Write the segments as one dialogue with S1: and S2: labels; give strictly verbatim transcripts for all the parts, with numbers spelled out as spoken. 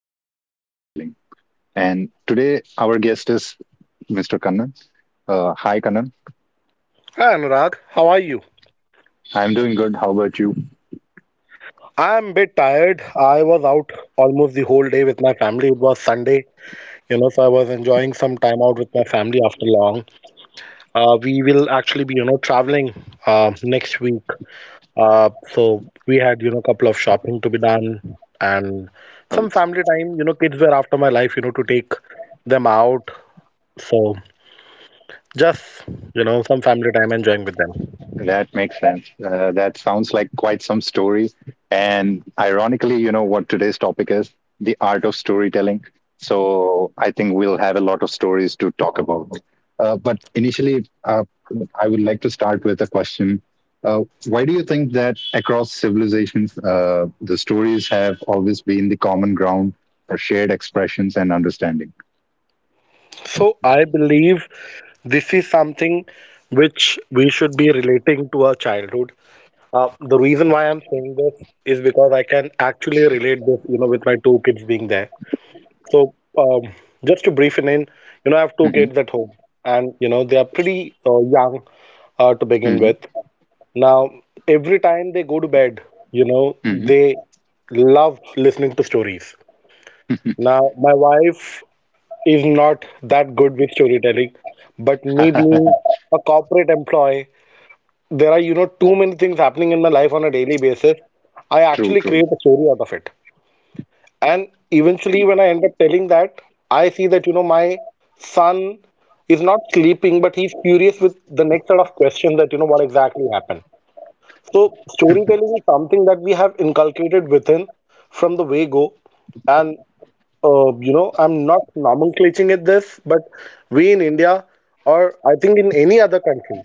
S1: art of storytelling. And today our guest is mister Kannan. Uh, hi, Kannan.
S2: Hi Anurag, how are you?
S1: I'm doing good. How about you?
S2: I'm a bit tired. I was out almost the whole day with my family. It was Sunday, you know, so I was enjoying some time out with my family after long. Uh, we will actually be, you know, traveling uh, next week. Uh, so we had, you know, a couple of shopping to be done and
S1: Oh,
S2: some family time. You know, kids were after my life, you know, to take them out. So just, you know, some family time enjoying with them.
S1: that makes sense. Uh, that sounds like quite some story. And ironically, you know what today's topic is the art of storytelling. So I think we'll have a lot of stories to talk about. Uh, but initially, uh, I would like to start with a question. Uh, why do you think that across civilizations, uh, the stories have always been the common ground for shared expressions and understanding?
S2: So I believe this is something which we should be relating to our childhood. Uh, the reason why I'm saying this is because I can actually relate this, you know, with my two kids being there. So um, just to brief it in, you know, I have two
S1: Hmm.
S2: kids at home, and you know they are pretty uh, young uh, to begin
S1: Hmm.
S2: with. Now, every time they go to bed, you know,
S1: Hmm.
S2: they love listening to stories. Now, my wife is not that good with storytelling. But me being a corporate employee, there are, you know, too many things happening in my life on a daily basis. I
S1: True,
S2: actually
S1: true,
S2: create a story out of it. And eventually, when I end up telling that, I see that, you know, my son is not sleeping, but he's curious with the next set of questions that, you know, what exactly happened. So, storytelling is something that we have inculcated within from the way go. And uh, you know, I'm not nomenclating it this, but we in India, or I think in any other country,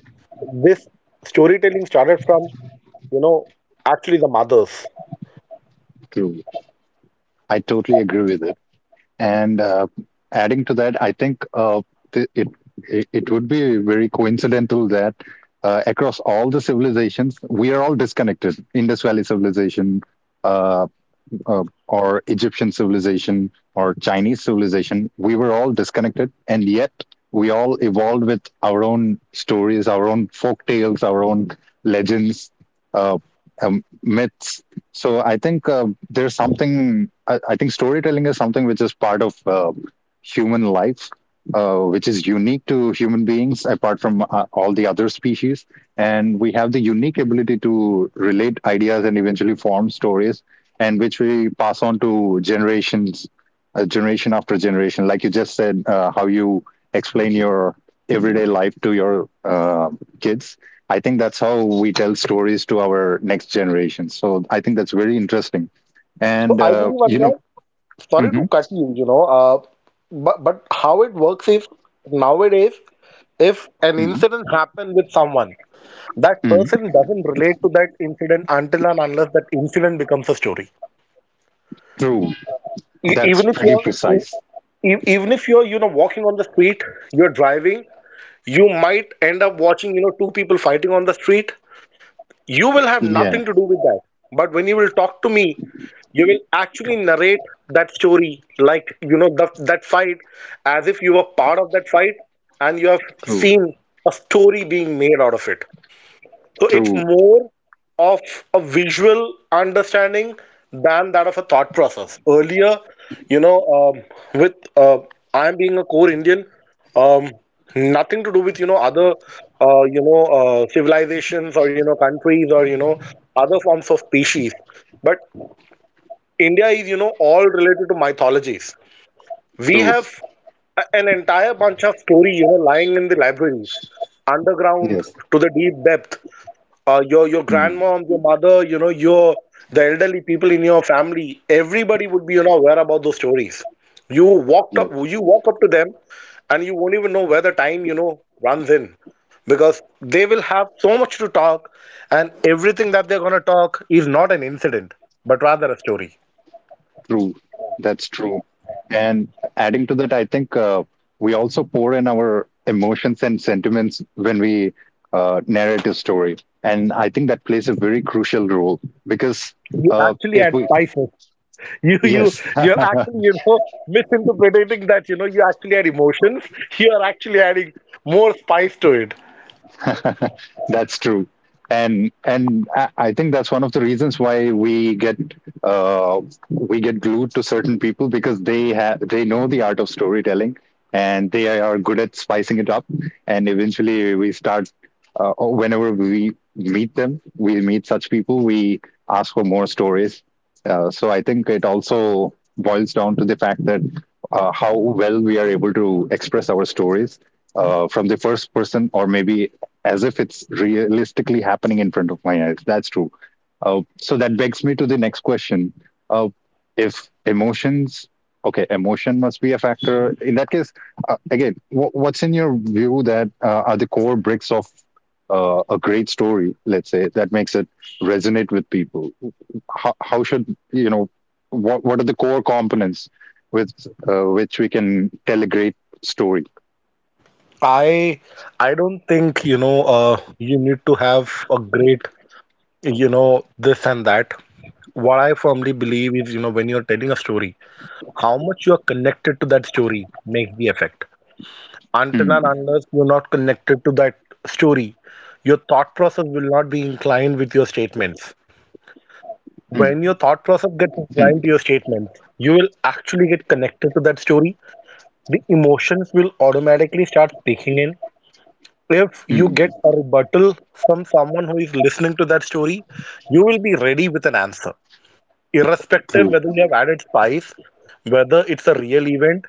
S2: this storytelling started from, you know, actually the mothers.
S1: true. I totally agree with that. And uh, adding to that, I think uh, th- it, it it would be very coincidental that uh, across all the civilizations, we are all disconnected. Indus Valley civilization, uh, uh, or Egyptian civilization or Chinese civilization, we were all disconnected, and yet we all evolved with our own stories, our own folk tales, our own legends, uh, um, myths. So I think uh, there's something. I, I think storytelling is something which is part of uh, human life, uh, which is unique to human beings, apart from uh, all the other species. And we have the unique ability to relate ideas and eventually form stories, and which we pass on to generations, uh, generation after generation. Like you just said, uh, how you explain your everyday life to your uh, kids. I think that's how we tell stories to our next generation. So I think that's very interesting.
S2: So
S1: And,
S2: I
S1: uh,
S2: believe,
S1: you know,
S2: Anurag, sorry to
S1: mhm,
S2: cut you, you know, uh, but, but how it works is nowadays, if an
S1: mhm,
S2: incident happened with someone, that
S1: mhm.
S2: person doesn't relate to that incident until and unless that incident becomes a story.
S1: True.
S2: E-
S1: That's
S2: even if
S1: pretty
S2: you're
S1: precise.
S2: e- e- even if you're you know walking on the street, you're driving, you might end up watching you know two people fighting on the street. You will have
S1: Yeah,
S2: nothing to do with that, but when you will talk to me, you will actually narrate that story, like you know the, that fight, as if you were part of that fight and you have
S1: true,
S2: seen a story being made out of it. So it's
S1: true,
S2: more of a visual understanding than that of a thought process. Earlier, you know, um, with uh, I'm being a core Indian, um, nothing to do with you know other uh, you know uh, civilizations or you know countries or you know other forms of species. But India is you know all related to mythologies. We
S1: true.
S2: have a- an entire bunch of story you know lying in the libraries underground
S1: Yes.
S2: to the deep depth. Uh, your your
S1: Mm.
S2: grandmom, your mother, you know, your the elderly people in your family, everybody would be you know aware about those stories. You walked up, you walk up to them, and you won't even know where the time you know runs in, because they will have so much to talk, and everything that they're gonna talk is not an incident, but rather a story.
S1: True. That's true. And adding to that, I think uh, we also pour in our emotions and sentiments when we uh, narrate a story. And I think that plays a very crucial role. Because
S2: You
S1: uh,
S2: actually
S1: if
S2: add
S1: we,
S2: spices. You you
S1: yes,
S2: you're actually you know misinterpreting that you know you actually add emotions. You are actually adding more spice to it.
S1: that's true, and and I I think that's one of the reasons why we get uh, we get glued to certain people because they have they know the art of storytelling, and they are good at spicing it up, and eventually we start uh, oh, whenever we meet them, we meet such people, we ask for more stories. Uh, so I think it also boils down to the fact that uh, how well we are able to express our stories, uh, from the first person, or maybe as if it's realistically happening in front of my eyes. That's true. Uh, so that begs me to the next question. Uh, if emotions, okay, emotion must be a factor. In that case, uh, again, wh- what's in your view that uh, are the core bricks of uh, a great story, let's say, that makes it resonate with people? How, how should, you know, what, what are the core components with uh, which we can tell a great story?
S2: I I don't think you know uh, you need to have a great you know this and that. What I firmly believe is you know when you're telling a story, how much you are connected to that story makes the effect. Until and
S1: Hmm,
S2: unless you're not connected to that story, your thought process will not be inclined with your statements.
S1: hmm,
S2: When your
S1: hmm,
S2: thought process gets inclined to your statements, you will actually get connected to that story. The emotions will automatically start speaking in, if you
S1: hmm.
S2: get a rebuttal from someone who is listening to that story, you will be ready with an answer, irrespective
S1: True.
S2: whether you have added spice, whether it's a real event,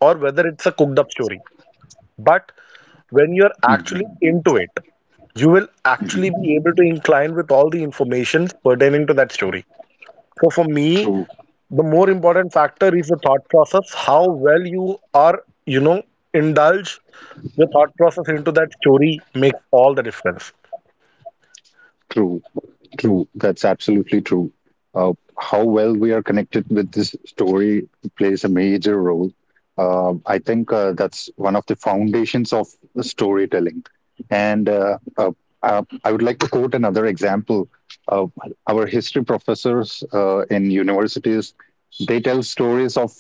S2: or whether it's a cooked up story. But when you're
S1: Hmm.
S2: actually into it, you will actually
S1: Mhm.
S2: be able to incline with all the information pertaining to that story. So for me,
S1: True,
S2: the more important factor is the thought process, how well you are, you know, indulge the thought process into that story makes all the difference.
S1: true. True, that's absolutely true. Uh, how well we are connected with this story plays a major role. Um I think uh, that's one of the foundations of the storytelling. And uh, uh, uh, I would like to quote another example. Uh, our history professors uh, in universities, they tell stories of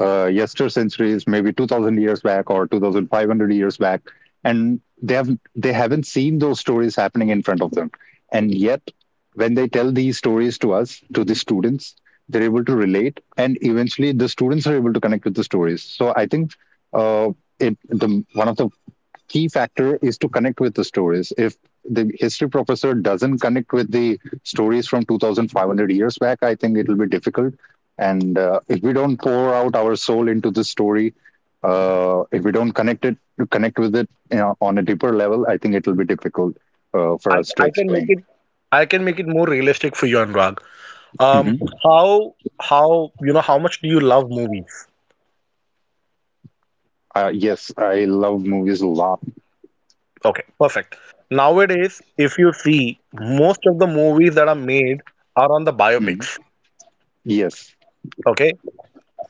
S1: uh, yester centuries, maybe two thousand years back or two thousand five hundred years back, and they have they haven't seen those stories happening in front of them. And yet, when they tell these stories to us, to the students, they're able to relate, and eventually the students are able to connect with the stories. So I think uh, it the one of the key factor is to connect with the stories. If the history professor doesn't connect with the stories from two thousand five hundred years back, I think it will be difficult. And uh, if we don't pour out our soul into the story, uh, if we don't connect it connect with it, you know, on a deeper level, I think it will be difficult uh, for
S2: I,
S1: us to
S2: I can make
S1: explain.
S2: it I can make it more realistic for you, Anurag. Um,
S1: Mhm.
S2: how how you know how much do you love movies?
S1: Uh, yes, I love movies a lot.
S2: Okay, perfect. Nowadays, if you see most of the movies that are made are on the
S1: Mm.
S2: biopics.
S1: Yes,
S2: Okay,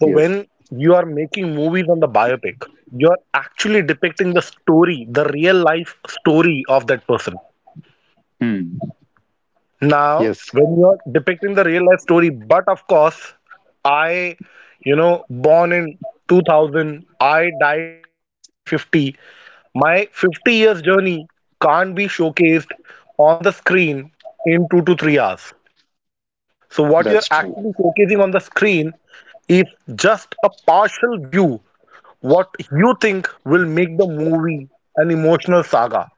S2: so
S1: yes.
S2: when you are making movies on the biopic, you're actually depicting the story, the real life story of that person.
S1: Mm.
S2: Now,
S1: Yes.
S2: when you're depicting the real life story, but of course, I, you know, born in two thousand, I died in twenty fifty. My fifty years journey can't be showcased on the screen in two to three hours. So, what you're
S1: That's true.
S2: actually showcasing on the screen is just a partial view, what you think will make the movie an emotional saga,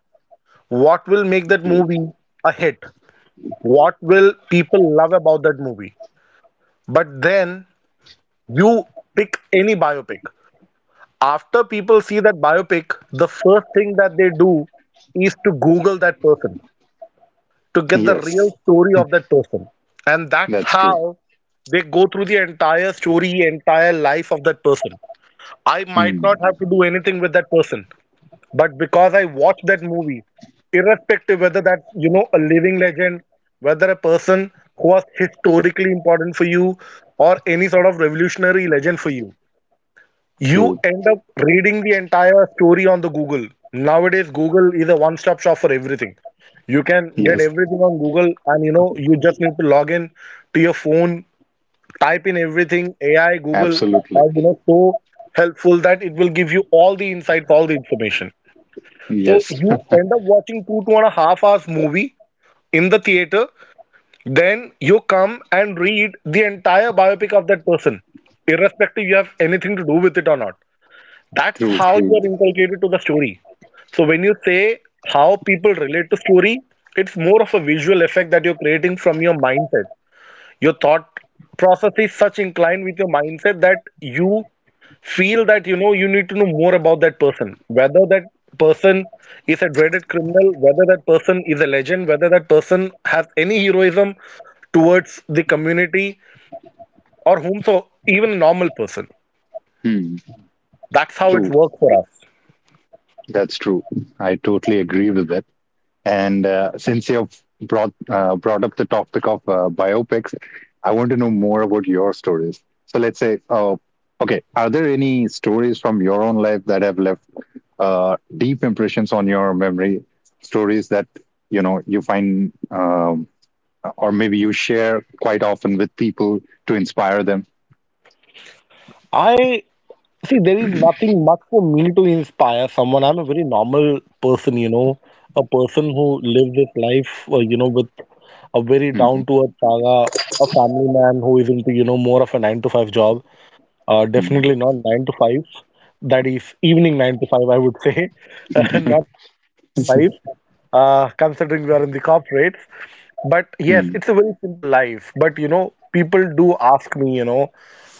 S2: what will make that
S1: True.
S2: movie a hit, what will people love about that movie? But then you pick any biopic. After people see that biopic, the first thing that they do is to Google that person to get the real
S1: Yes,
S2: story of that person. And that's
S1: that's true.
S2: how they go through the entire story, entire life of that person. I might not
S1: Mm.
S2: have to do anything with that person. But because I watched that movie, irrespective whether that's you know a living legend, whether a person who was historically important for you, or any sort of revolutionary legend for you, you
S1: True.
S2: end up reading the entire story on the Google. Nowadays, Google is a one-stop shop for everything. You can get
S1: Yes,
S2: everything on Google, and you know you just need to log in to your phone, type in everything. A I, Google
S1: absolutely.
S2: are you know so helpful that it will give you all the insights, all the information. So
S1: Yes.
S2: you end up watching two, two and a half hours movie in the theater, then you come and read the entire biopic of that person, irrespective you have anything to do with it or not. That's
S1: True.
S2: how you
S1: True.
S2: are inculcated to the story. So when you say how people relate to story, it's more of a visual effect that you're creating from your mindset. Your thought process is such inclined with your mindset that you feel that you know you need to know more about that person, whether that person is a dreaded criminal, whether that person is a legend, whether that person has any heroism towards the community, or whom so even a normal person,
S1: Mm.
S2: that's how it
S1: True.
S2: works for us.
S1: That's true. I totally agree with that. And uh, since you've brought uh, brought up the topic of uh, biopics, I want to know more about your stories. So let's say, uh, okay, are there any stories from your own life that have left uh, deep impressions on your memory, stories that you know you find, um, or maybe you share quite often with people, to inspire them.
S2: I see there is nothing much for me to inspire someone. I'm a very normal person, you know a person who lives his life uh, you know with a very down
S1: Mhm,
S2: to earth saga, a family man who is into you know more of a nine to five job. Uh,
S1: mhm,
S2: definitely not nine to five. That is evening nine to five, I would say.
S1: mhm,
S2: Not the morning nine to five, uh, considering we are in the corporates. But yes,
S1: mhm,
S2: it's a very simple life. But you know, people do ask me, you know,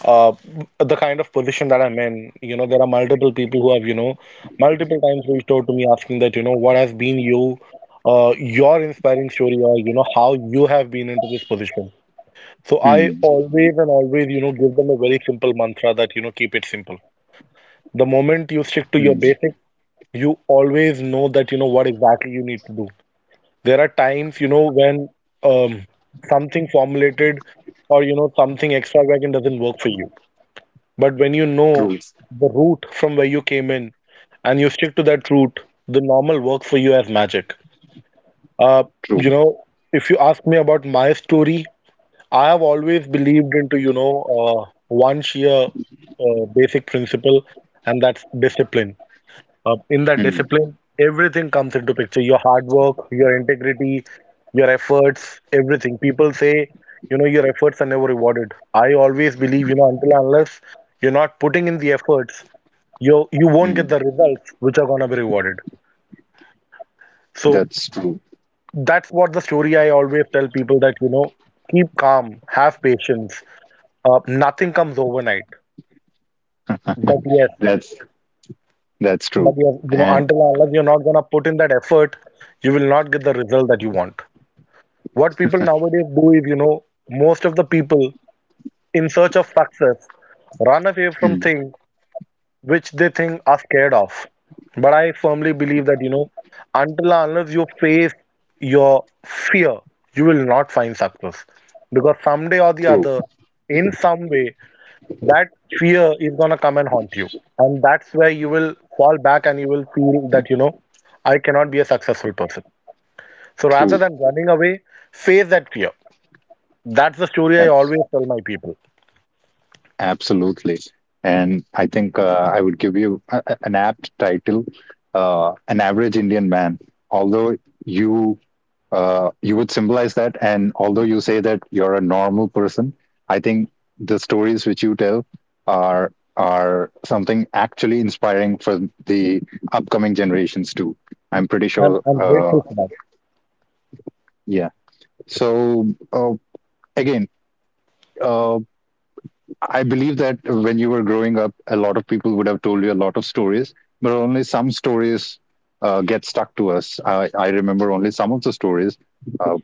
S2: uh, the kind of position that I'm in. You know, there are multiple people who have, you know, multiple times reached out to me asking that, you know, what has been you, uh, your inspiring story, or, you know, how you have been into this position. So I
S1: mhm,
S2: always and always, you know, give them a very simple mantra that, you know, keep it simple. The moment you stick to your
S1: mhm.
S2: basics, you always know that, you know, what exactly you need to do. There are times, you know, when um, something formulated or, you know, something extravagant doesn't work for you. But when you know
S1: True,
S2: the route from where you came in and you stick to that route, the normal works for you as magic. Uh,
S1: true.
S2: you know, if you ask me about my story, I have always believed into, you know, uh, one sheer uh, basic principle, and that's discipline. Uh, in that
S1: Mhm,
S2: discipline, everything comes into picture. Your hard work, your integrity, your efforts, everything. People say, you know, your efforts are never rewarded. I always believe, you know, until and unless you're not putting in the efforts, you you won't get
S1: mhm.
S2: the results which are gonna be rewarded. So
S1: That's true.
S2: that's what the story I always tell people that, you know, keep calm, have patience. Uh, nothing comes overnight. But yes,
S1: That's that's
S2: but
S1: true.
S2: yes, you know,
S1: And
S2: until and unless you're not gonna put in that effort, you will not get the result that you want. What people nowadays do is, you know, most of the people in search of success run away from
S1: mm,
S2: things which they think are scared of. But I firmly believe that, you know, until and unless you face your fear, you will not find success. Because someday or the
S1: true,
S2: other, in some way, that fear is going to come and haunt you, and that's where you will fall back and you will feel that you know I cannot be a successful person. So rather
S1: true.
S2: than running away, face that fear. That's the story I
S1: Ab-
S2: always tell my people.
S1: Absolutely. And I think uh, I would give you a- a- an apt title, uh, an average Indian man. Although you uh, you would symbolize that. And although you say that you're a normal person, I think the stories which you tell are are something actually inspiring for the upcoming generations too. I'm pretty
S2: i'm,
S1: sure.
S2: I'm
S1: Uh,
S2: grateful for that.
S1: yeah. So uh, again, uh, I believe that when you were growing up, a lot of people would have told you a lot of stories, but only some stories uh, get stuck to us. I, I remember only some of the stories. Uh,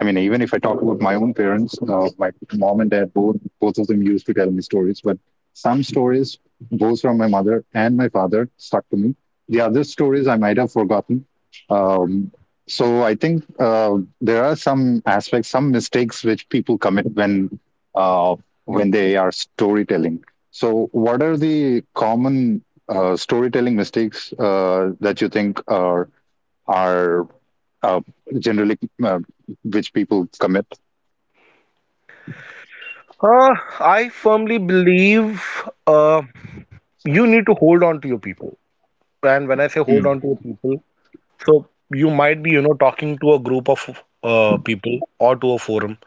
S1: I mean, even if I talk about my own parents, uh, my mom and dad, both both of them used to tell me stories. But some stories, both from my mother and my father, stuck to me. The other stories I might have forgotten. Um, so I think uh, there are some aspects, some mistakes which people commit when uh, when they are storytelling. So, what are the common uh, storytelling mistakes uh, that you think are are uh, generally, uh, which people commit.
S2: uh, I firmly believe uh, you need to hold on to your people. And when I say hold
S1: Mm,
S2: on to your people, so you might be you know talking to a group of uh, people or to a forum.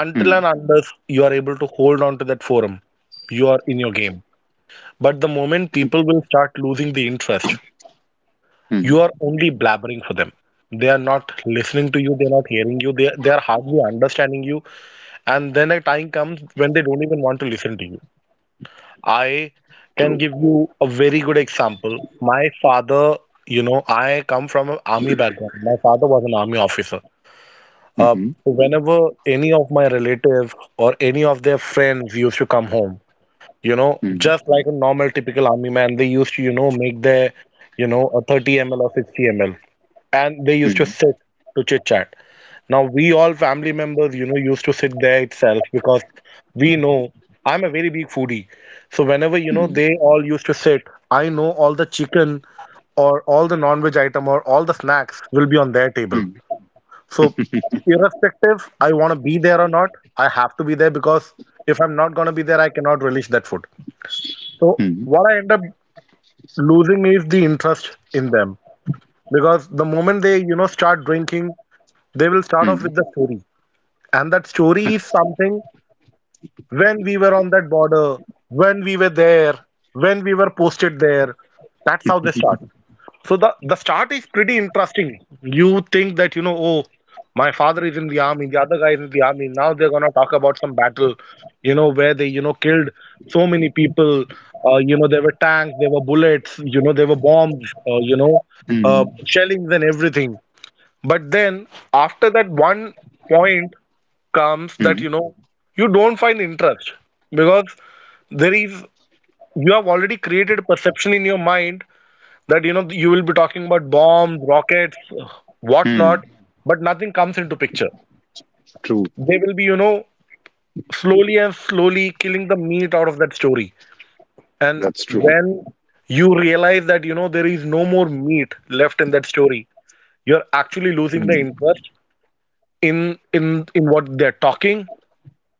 S2: Until
S1: mm,
S2: and unless you are able to hold on to that forum, you are in your game. But the moment people will start losing the interest,
S1: mm,
S2: you are only blabbering for them. They are not listening to you, they are not hearing you, they, they are hardly understanding you. And then a time comes when they don't even want to listen to you. I can
S1: true.
S2: give you a very good example. My father, you know, I come from an army background. My father was an army officer. Uh,
S1: Mhm,
S2: whenever any of my relative or any of their friends used to come home, you know,
S1: mm,
S2: just like a normal typical army man, they used to, you know, make their, you know, a thirty m l or sixty m l, and they used to
S1: mm,
S2: sit to chit chat. Now we all family members, you know, used to sit there itself because we know I'm a very big foodie. So whenever, you know,
S1: mm,
S2: they all used to sit, I know all the chicken or all the non-veg item or all the snacks will be on their table.
S1: mm,
S2: So irrespective, I want to be there or not, I have to be there because if I'm not going to be there, I cannot relish that food. So
S1: mm,
S2: what I end up losing is the interest in them, because the moment they, you know, start drinking, they will start off
S1: mm,
S2: with the story. And that story is something: when we were on that border, when we were there, when we were posted there. That's how they start. So the the start is pretty interesting. You think that you know, oh, my father is in the army, the other guy is in the army, now they're gonna talk about some battle, you know, where they you know killed so many people. Uh, you know, there were tanks, there were bullets, you know, there were bombs, uh, you know, uh,
S1: mm,
S2: shellings and everything. But then after that one point comes that
S1: mm,
S2: you know you don't find interest, because there is, you have already created a perception in your mind that you know you will be talking about bombs, rockets, whatnot,
S1: mm.
S2: but nothing comes into picture.
S1: True.
S2: They will be you know slowly and slowly killing the meat out of that story. And
S1: That's true.
S2: when you realize that you know there is no more meat left in that story, you're actually losing the
S1: Mm,
S2: interest in in in what they're talking,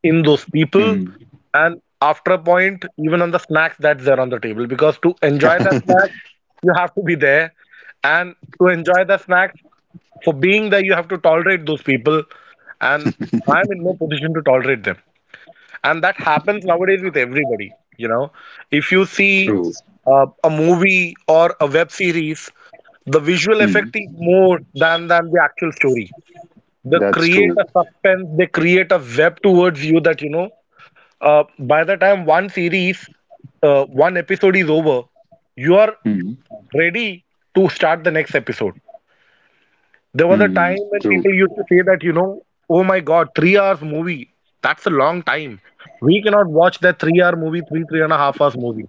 S2: in those people,
S1: mm.
S2: and after a point, even on the snacks that's there on the table. Because to enjoy that snack, you have to be there, and to enjoy the snack, for being there you have to tolerate those people, and I'm in no position to tolerate them. And that happens nowadays with everybody. you know if you see
S1: True.
S2: uh, a movie or a web series, the visual
S1: Mm,
S2: effect is more than than the actual story. They
S1: that's true.
S2: create a suspense, they create a web towards you, that you know uh, by the time one series, uh, one episode is over, you are
S1: Mm,
S2: ready to start the next episode. There was a
S1: mm,
S2: time when
S1: true.
S2: people used to say that, you know, oh my God, three hours movie. That's a long time. We cannot watch that three hour movie, three, three and a half hours movie.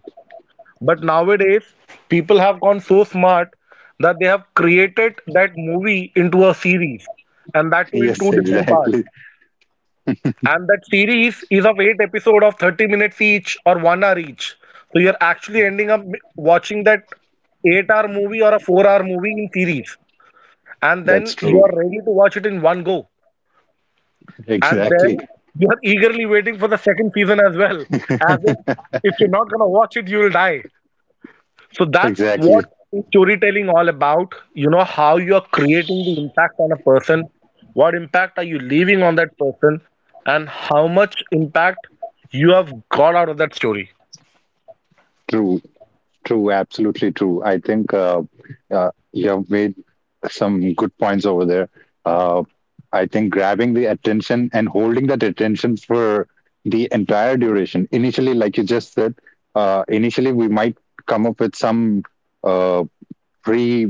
S2: But nowadays, people have gone so smart that they have created that movie into a series, and that too in two
S1: Yes,
S2: different parts.
S1: exactly.
S2: And that series is of eight episode of thirty minutes each or one hour each. So you're actually ending up watching that eight hour movie or a four hour movie in series. And
S1: That's
S2: then you
S1: true.
S2: are ready to watch it in one go. And
S1: Exactly.
S2: then you are eagerly waiting for the second season as well. As if if you're not gonna watch it, you'll die. So that's
S1: exactly.
S2: what is storytelling all about. You know how you are creating the impact on a person, what impact are you leaving on that person, and how much impact you have got out of that story.
S1: True. True, absolutely true. I think uh, uh, you have made some good points over there. Uh, I think grabbing the attention and holding that attention for the entire duration. Initially, like you just said, uh, initially we might come up with some uh, pre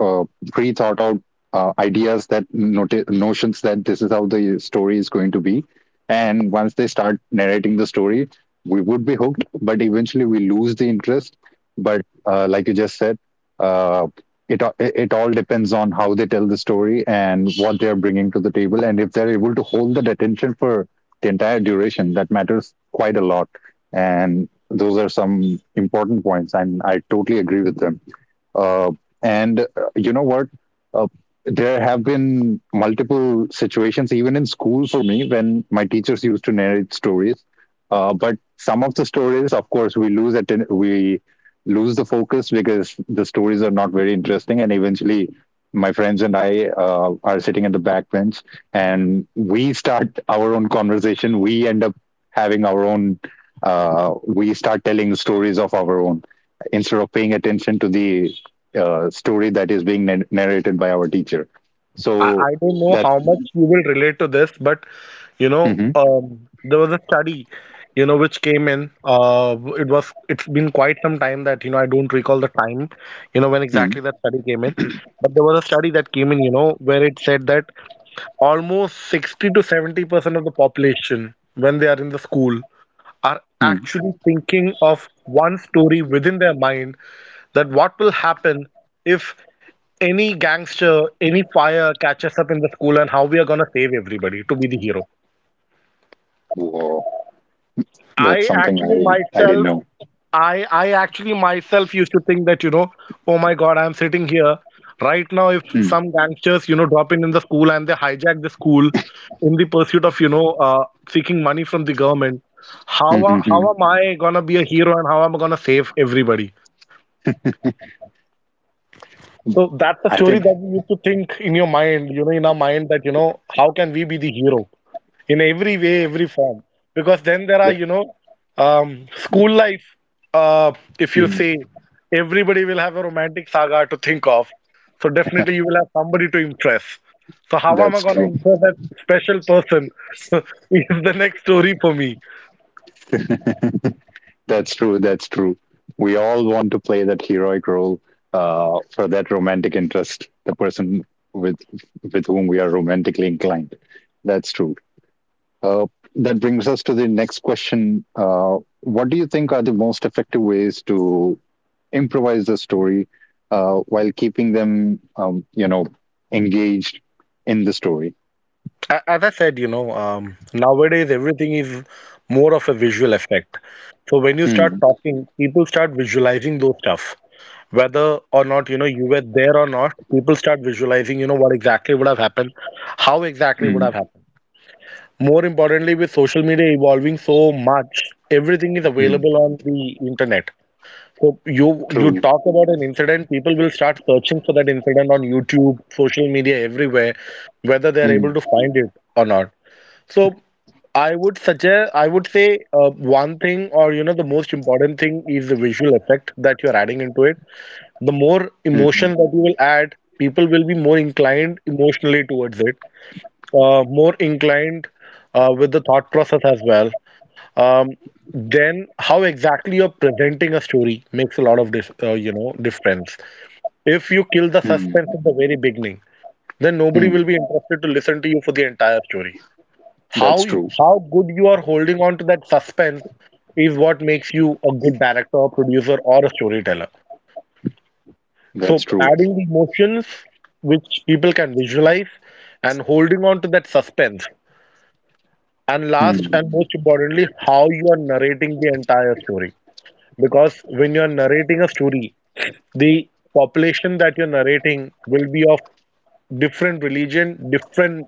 S1: uh, pre thought out uh, ideas, that noti- notions that this is how the story is going to be. And once they start narrating the story, we would be hooked, but eventually we lose the interest. But uh, like you just said, uh, it, a- it all depends on how they tell the story and what they're bringing to the table, and if they're able to hold that attention for the entire duration, that matters quite a lot. And those are some important points, and I totally agree with them. Uh, and uh, you know what? Uh, there have been multiple situations, even in school for me, when my teachers used to narrate stories. Uh, but some of the stories, of course, we lose atten- we lose the focus because the stories are not very interesting, and eventually. My friends and I uh, are sitting in the back bench, and we start our own conversation. We end up having our own. Uh, we start telling stories of our own, instead of paying attention to the uh, story that is being nar- narrated by our teacher.
S2: I,
S1: So
S2: I don't know
S1: that.
S2: how much you will relate to this, but you know,
S1: Mhm,
S2: um, there was a study, you know, which came in. Uh, it was it's been quite some time that you know I don't recall the time, you know, when
S1: mm,
S2: exactly that study came in. But there was a study that came in, you know, where it said that almost sixty to seventy percent of the population, when they are in the school, are
S1: mm.
S2: actually thinking of one story within their mind, that what will happen if any gangster, any fire catches up in the school, and how we are gonna save everybody to be the hero.
S1: Whoa, that's
S2: I
S1: something
S2: actually
S1: I I didn't
S2: myself,
S1: know.
S2: I I actually myself used to think that you know, oh my God, I'm sitting here right now. If
S1: Mm,
S2: some gangsters you know drop in in the school and they hijack the school in the pursuit of you know uh, seeking money from the government, how
S1: mm,
S2: a-
S1: mm,
S2: how
S1: mm.
S2: am I gonna be a hero and how am I gonna save everybody? So that's the
S1: I
S2: story
S1: think
S2: that we used to think in your mind, you know, in our mind, that you know how can we be the hero? In every way, every form. Because then there are,
S1: that,
S2: you know, um, school life. Uh, if you
S1: mm,
S2: see, everybody will have a romantic saga to think of. So definitely you will have somebody to impress. So how am I
S1: that's
S2: going to
S1: true.
S2: impress that special person is the next story for me.
S1: That's true. That's true. We all want to play that heroic role uh, for that romantic interest, the person with with whom we are romantically inclined. That's true. Uh, that brings us to the next question. Uh, what do you think are the most effective ways to improvise the story, uh, while keeping them, um, you know, engaged in the story.
S2: A- As I said, you know, um, nowadays everything is more of a visual effect. So when you start
S1: Hmm,
S2: talking, people start visualizing those stuff, whether or not you know you were there or not. People start visualizing you know what exactly would have happened, how exactly would
S1: hmm,
S2: have happened. More importantly, with social media evolving so much, everything is
S1: hmm.
S2: available on the internet. So you you
S1: True.
S2: talk about an incident, people will start searching for that incident on YouTube, social media, everywhere, whether they are able
S1: Hmm,
S2: to find it or not. So i would suggest I would say, uh, one thing, or you know the most important thing is the visual effect that you're adding into it. The more
S1: hmm,
S2: emotion that you will add, people will be more inclined emotionally towards it, uh, more inclined uh, with the thought process as well. Um, then how exactly you're presenting a story makes a lot of dif- uh, you know difference. If you kill the suspense
S1: hmm,
S2: at the very beginning, then nobody
S1: hmm.
S2: will be interested to listen to you for the entire story.
S1: That's
S2: How you-
S1: true.
S2: how good you are holding on to that suspense is what makes you a good director or producer or a storyteller.
S1: That's
S2: So
S1: true.
S2: adding the emotions which people can visualize, and holding on to that suspense. And last
S1: Hmm.
S2: and most importantly, how you are narrating the entire story. Because when you're narrating a story, the population that you're narrating will be of different religion, different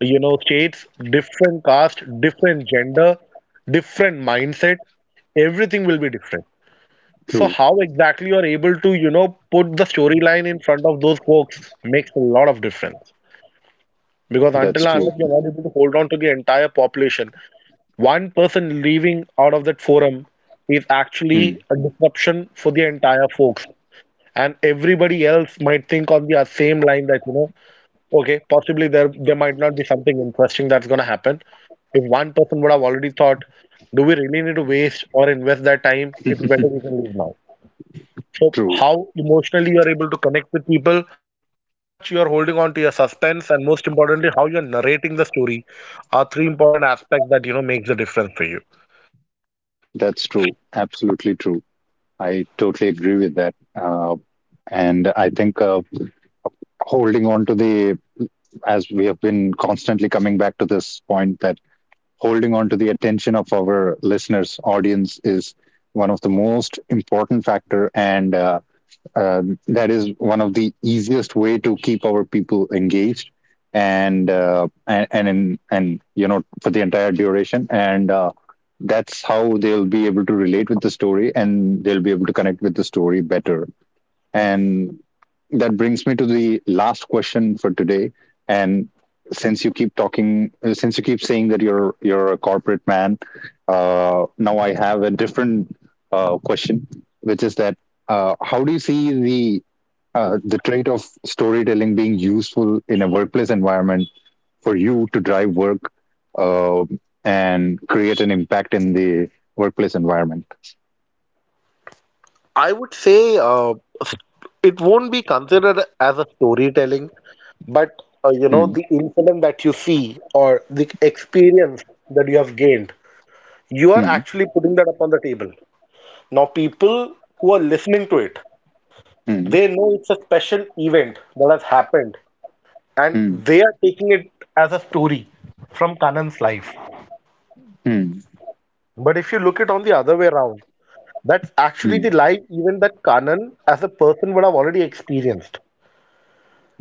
S2: you know states, different caste, different gender, different mindset. Everything will be different. So
S1: True.
S2: how exactly you're able to, you know, put the storyline in front of those folks makes a lot of difference. Because
S1: That's
S2: until and
S1: true.
S2: unless you're not able to hold on to the entire population, one person leaving out of that forum is actually
S1: Hmm.
S2: a disruption for the entire folks. And everybody else might think on the uh, same line that, you know, okay, possibly there there might not be something interesting that's gonna happen. If one person would have already thought, do we really need to waste or invest that time? It's better we can leave now. So
S1: True.
S2: how emotionally you are able to connect with people, how much you are holding on to your suspense, and most importantly, how you are narrating the story are three important aspects that you know makes the difference for you.
S1: That's true. Absolutely true. I totally agree with that. Uh, and I think uh, holding on to the, as we have been constantly coming back to this point, that holding on to the attention of our listeners audience is one of the most important factor. And uh, uh, that is one of the easiest way to keep our people engaged. And uh, and and, in, and you know for the entire duration. And uh, that's how they'll be able to relate with the story, and they'll be able to connect with the story better. And that brings me to the last question for today. And since you keep talking, uh, since you keep saying that you're you're a corporate man, uh, now I have a different uh, question, which is that uh, how do you see the uh, the trait of storytelling being useful in a workplace environment, for you to drive work, uh, and create an impact in the workplace environment?
S2: I would say uh, it won't be considered as a storytelling, but uh, you know
S1: Mm,
S2: the incident that you see or the experience that you have gained, you are
S1: mm,
S2: actually putting that upon the table. Now, people who are listening to it,
S1: mm,
S2: they know it's a special event that has happened, and
S1: mm,
S2: they are taking it as a story from Kanan's life.
S1: mm,
S2: But if you look it on the other way around, that's actually the
S1: mm.
S2: life even that Kanan as a person would have already experienced.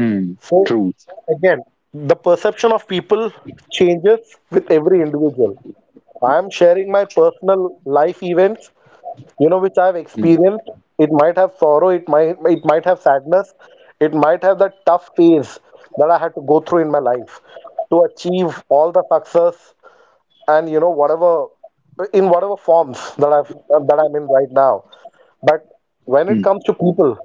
S1: Mm,
S2: So
S1: truth.
S2: again, the perception of people changes with every individual. I am sharing my personal life events, you know, which I've
S1: Mm,
S2: experienced. It might have sorrow, it might it might have sadness, it might have that tough phase that I had to go through in my life to achieve all the success and you know whatever, in whatever forms that I've that I'm in right now. But when it
S1: mm,
S2: comes to people,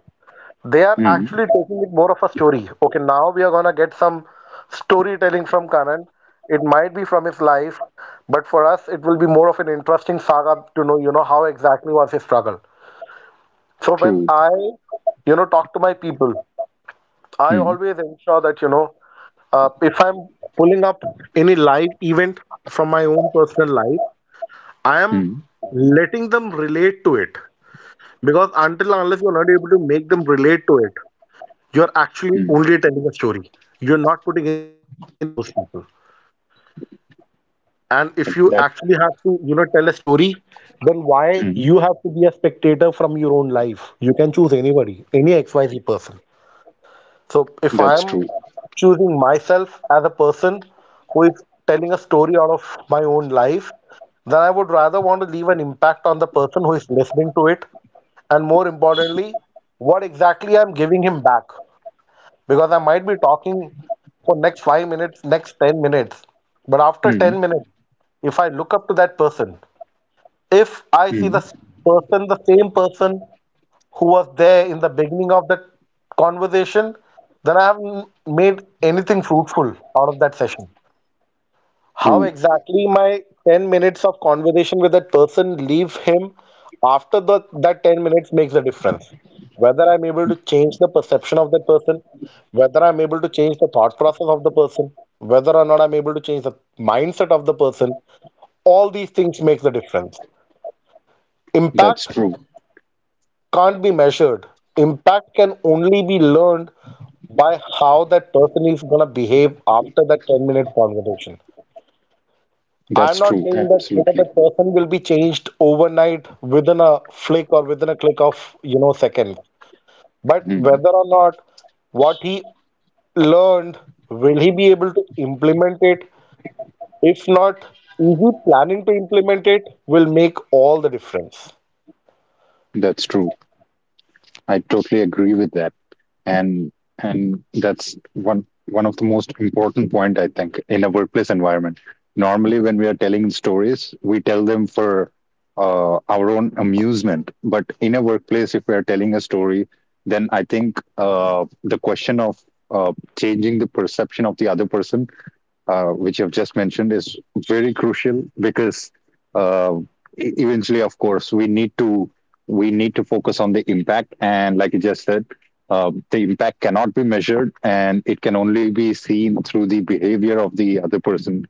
S2: they are
S1: mm,
S2: actually taking it more of a story. Okay, now we are gonna get some storytelling from Kanan. It might be from his life, but for us, it will be more of an interesting saga to know, you know, how exactly was his struggle. So when
S1: truth.
S2: I, you know, talk to my people, I
S1: Mm,
S2: always ensure that, you know, uh, if I'm pulling up any live event from my own personal life, I am
S1: mm,
S2: letting them relate to it, because until and unless you're not able to make them relate to it, you're actually
S1: mm.
S2: only telling a story. You're not putting any impact on those people. And if
S1: Like
S2: you
S1: that.
S2: actually have to, you know, tell a story, then why
S1: Mm,
S2: you have to be a spectator from your own life? You can choose anybody, any X Y Z person. So if I
S1: that's
S2: am
S1: true.
S2: choosing myself as a person who is telling a story out of my own life, then I would rather want to leave an impact on the person who is listening to it. And more importantly, what exactly I'm giving him back. Because I might be talking for next five minutes, next ten minutes, but after
S1: Mm,
S2: ten minutes, if I look up to that person, if I see the
S1: mm,
S2: s- person, the same person who was there in the beginning of that conversation, then I haven't made anything fruitful out of that session. How
S1: true.
S2: exactly my ten minutes of conversation with that person leave him after the, that ten minutes makes a difference. Whether I'm able to change the perception of that person, whether I'm able to change the thought process of the person, whether or not I'm able to change the mindset of the person, all these things make the difference.
S1: That's
S2: Impact
S1: true.
S2: can't be measured. Impact can only be learned by how that person is going to behave after that ten minute conversation. I'm
S1: That's
S2: not
S1: true.
S2: saying that whether the
S1: Absolutely.
S2: person will be changed overnight within a flick or within a click of, you know, seconds. But
S1: Mm,
S2: whether or not what he learned, will he be able to implement it? If not, is he planning to implement it, will make all the difference.
S1: that's true. I totally agree with that. and and that's one one of the most important point, I think, in a workplace environment. Normally, when we are telling stories, we tell them for uh, our own amusement. But in a workplace, if we are telling a story, then I think uh, the question of uh, changing the perception of the other person, uh, which you've just mentioned, is very crucial. Because uh, e- eventually, of course, we need to we need to focus on the impact. And like you just said, um, the impact cannot be measured, and it can only be seen through the behavior of the other person,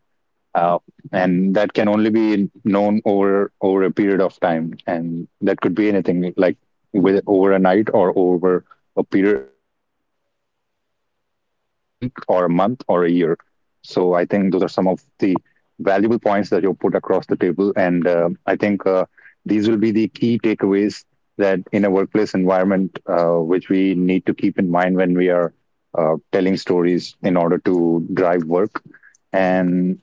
S1: uh, and that can only be known over over a period of time. And that could be anything like with over a night, or over a period over a period of a week or a month or a year. So I think those are some of the valuable points that you put across the table. And uh, I think uh, these will be the key takeaways, that in a workplace environment, uh, which we need to keep in mind when we are uh, telling stories in order to drive work. and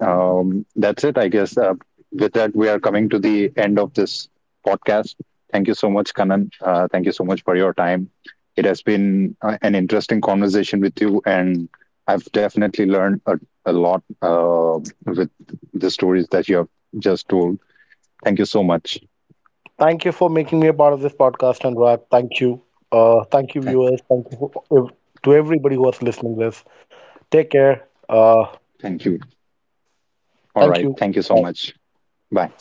S1: um, that's it, I guess. Uh, with that, we are coming to the end of this podcast. Thank you so much, Kanan. Uh, thank you so much for your time. It has been uh, an interesting conversation with you, and I've definitely learned a, a lot, uh, with the stories that you have just told. Thank you so much.
S2: Thank you for making me a part of this podcast, Anurag. Thank you. Uh, thank you, viewers. Thank you for, to everybody who was listening to this. Take care. Uh,
S1: Thank you. All
S2: thank
S1: right.
S2: you.
S1: Thank you so
S2: Bye.
S1: much. Bye.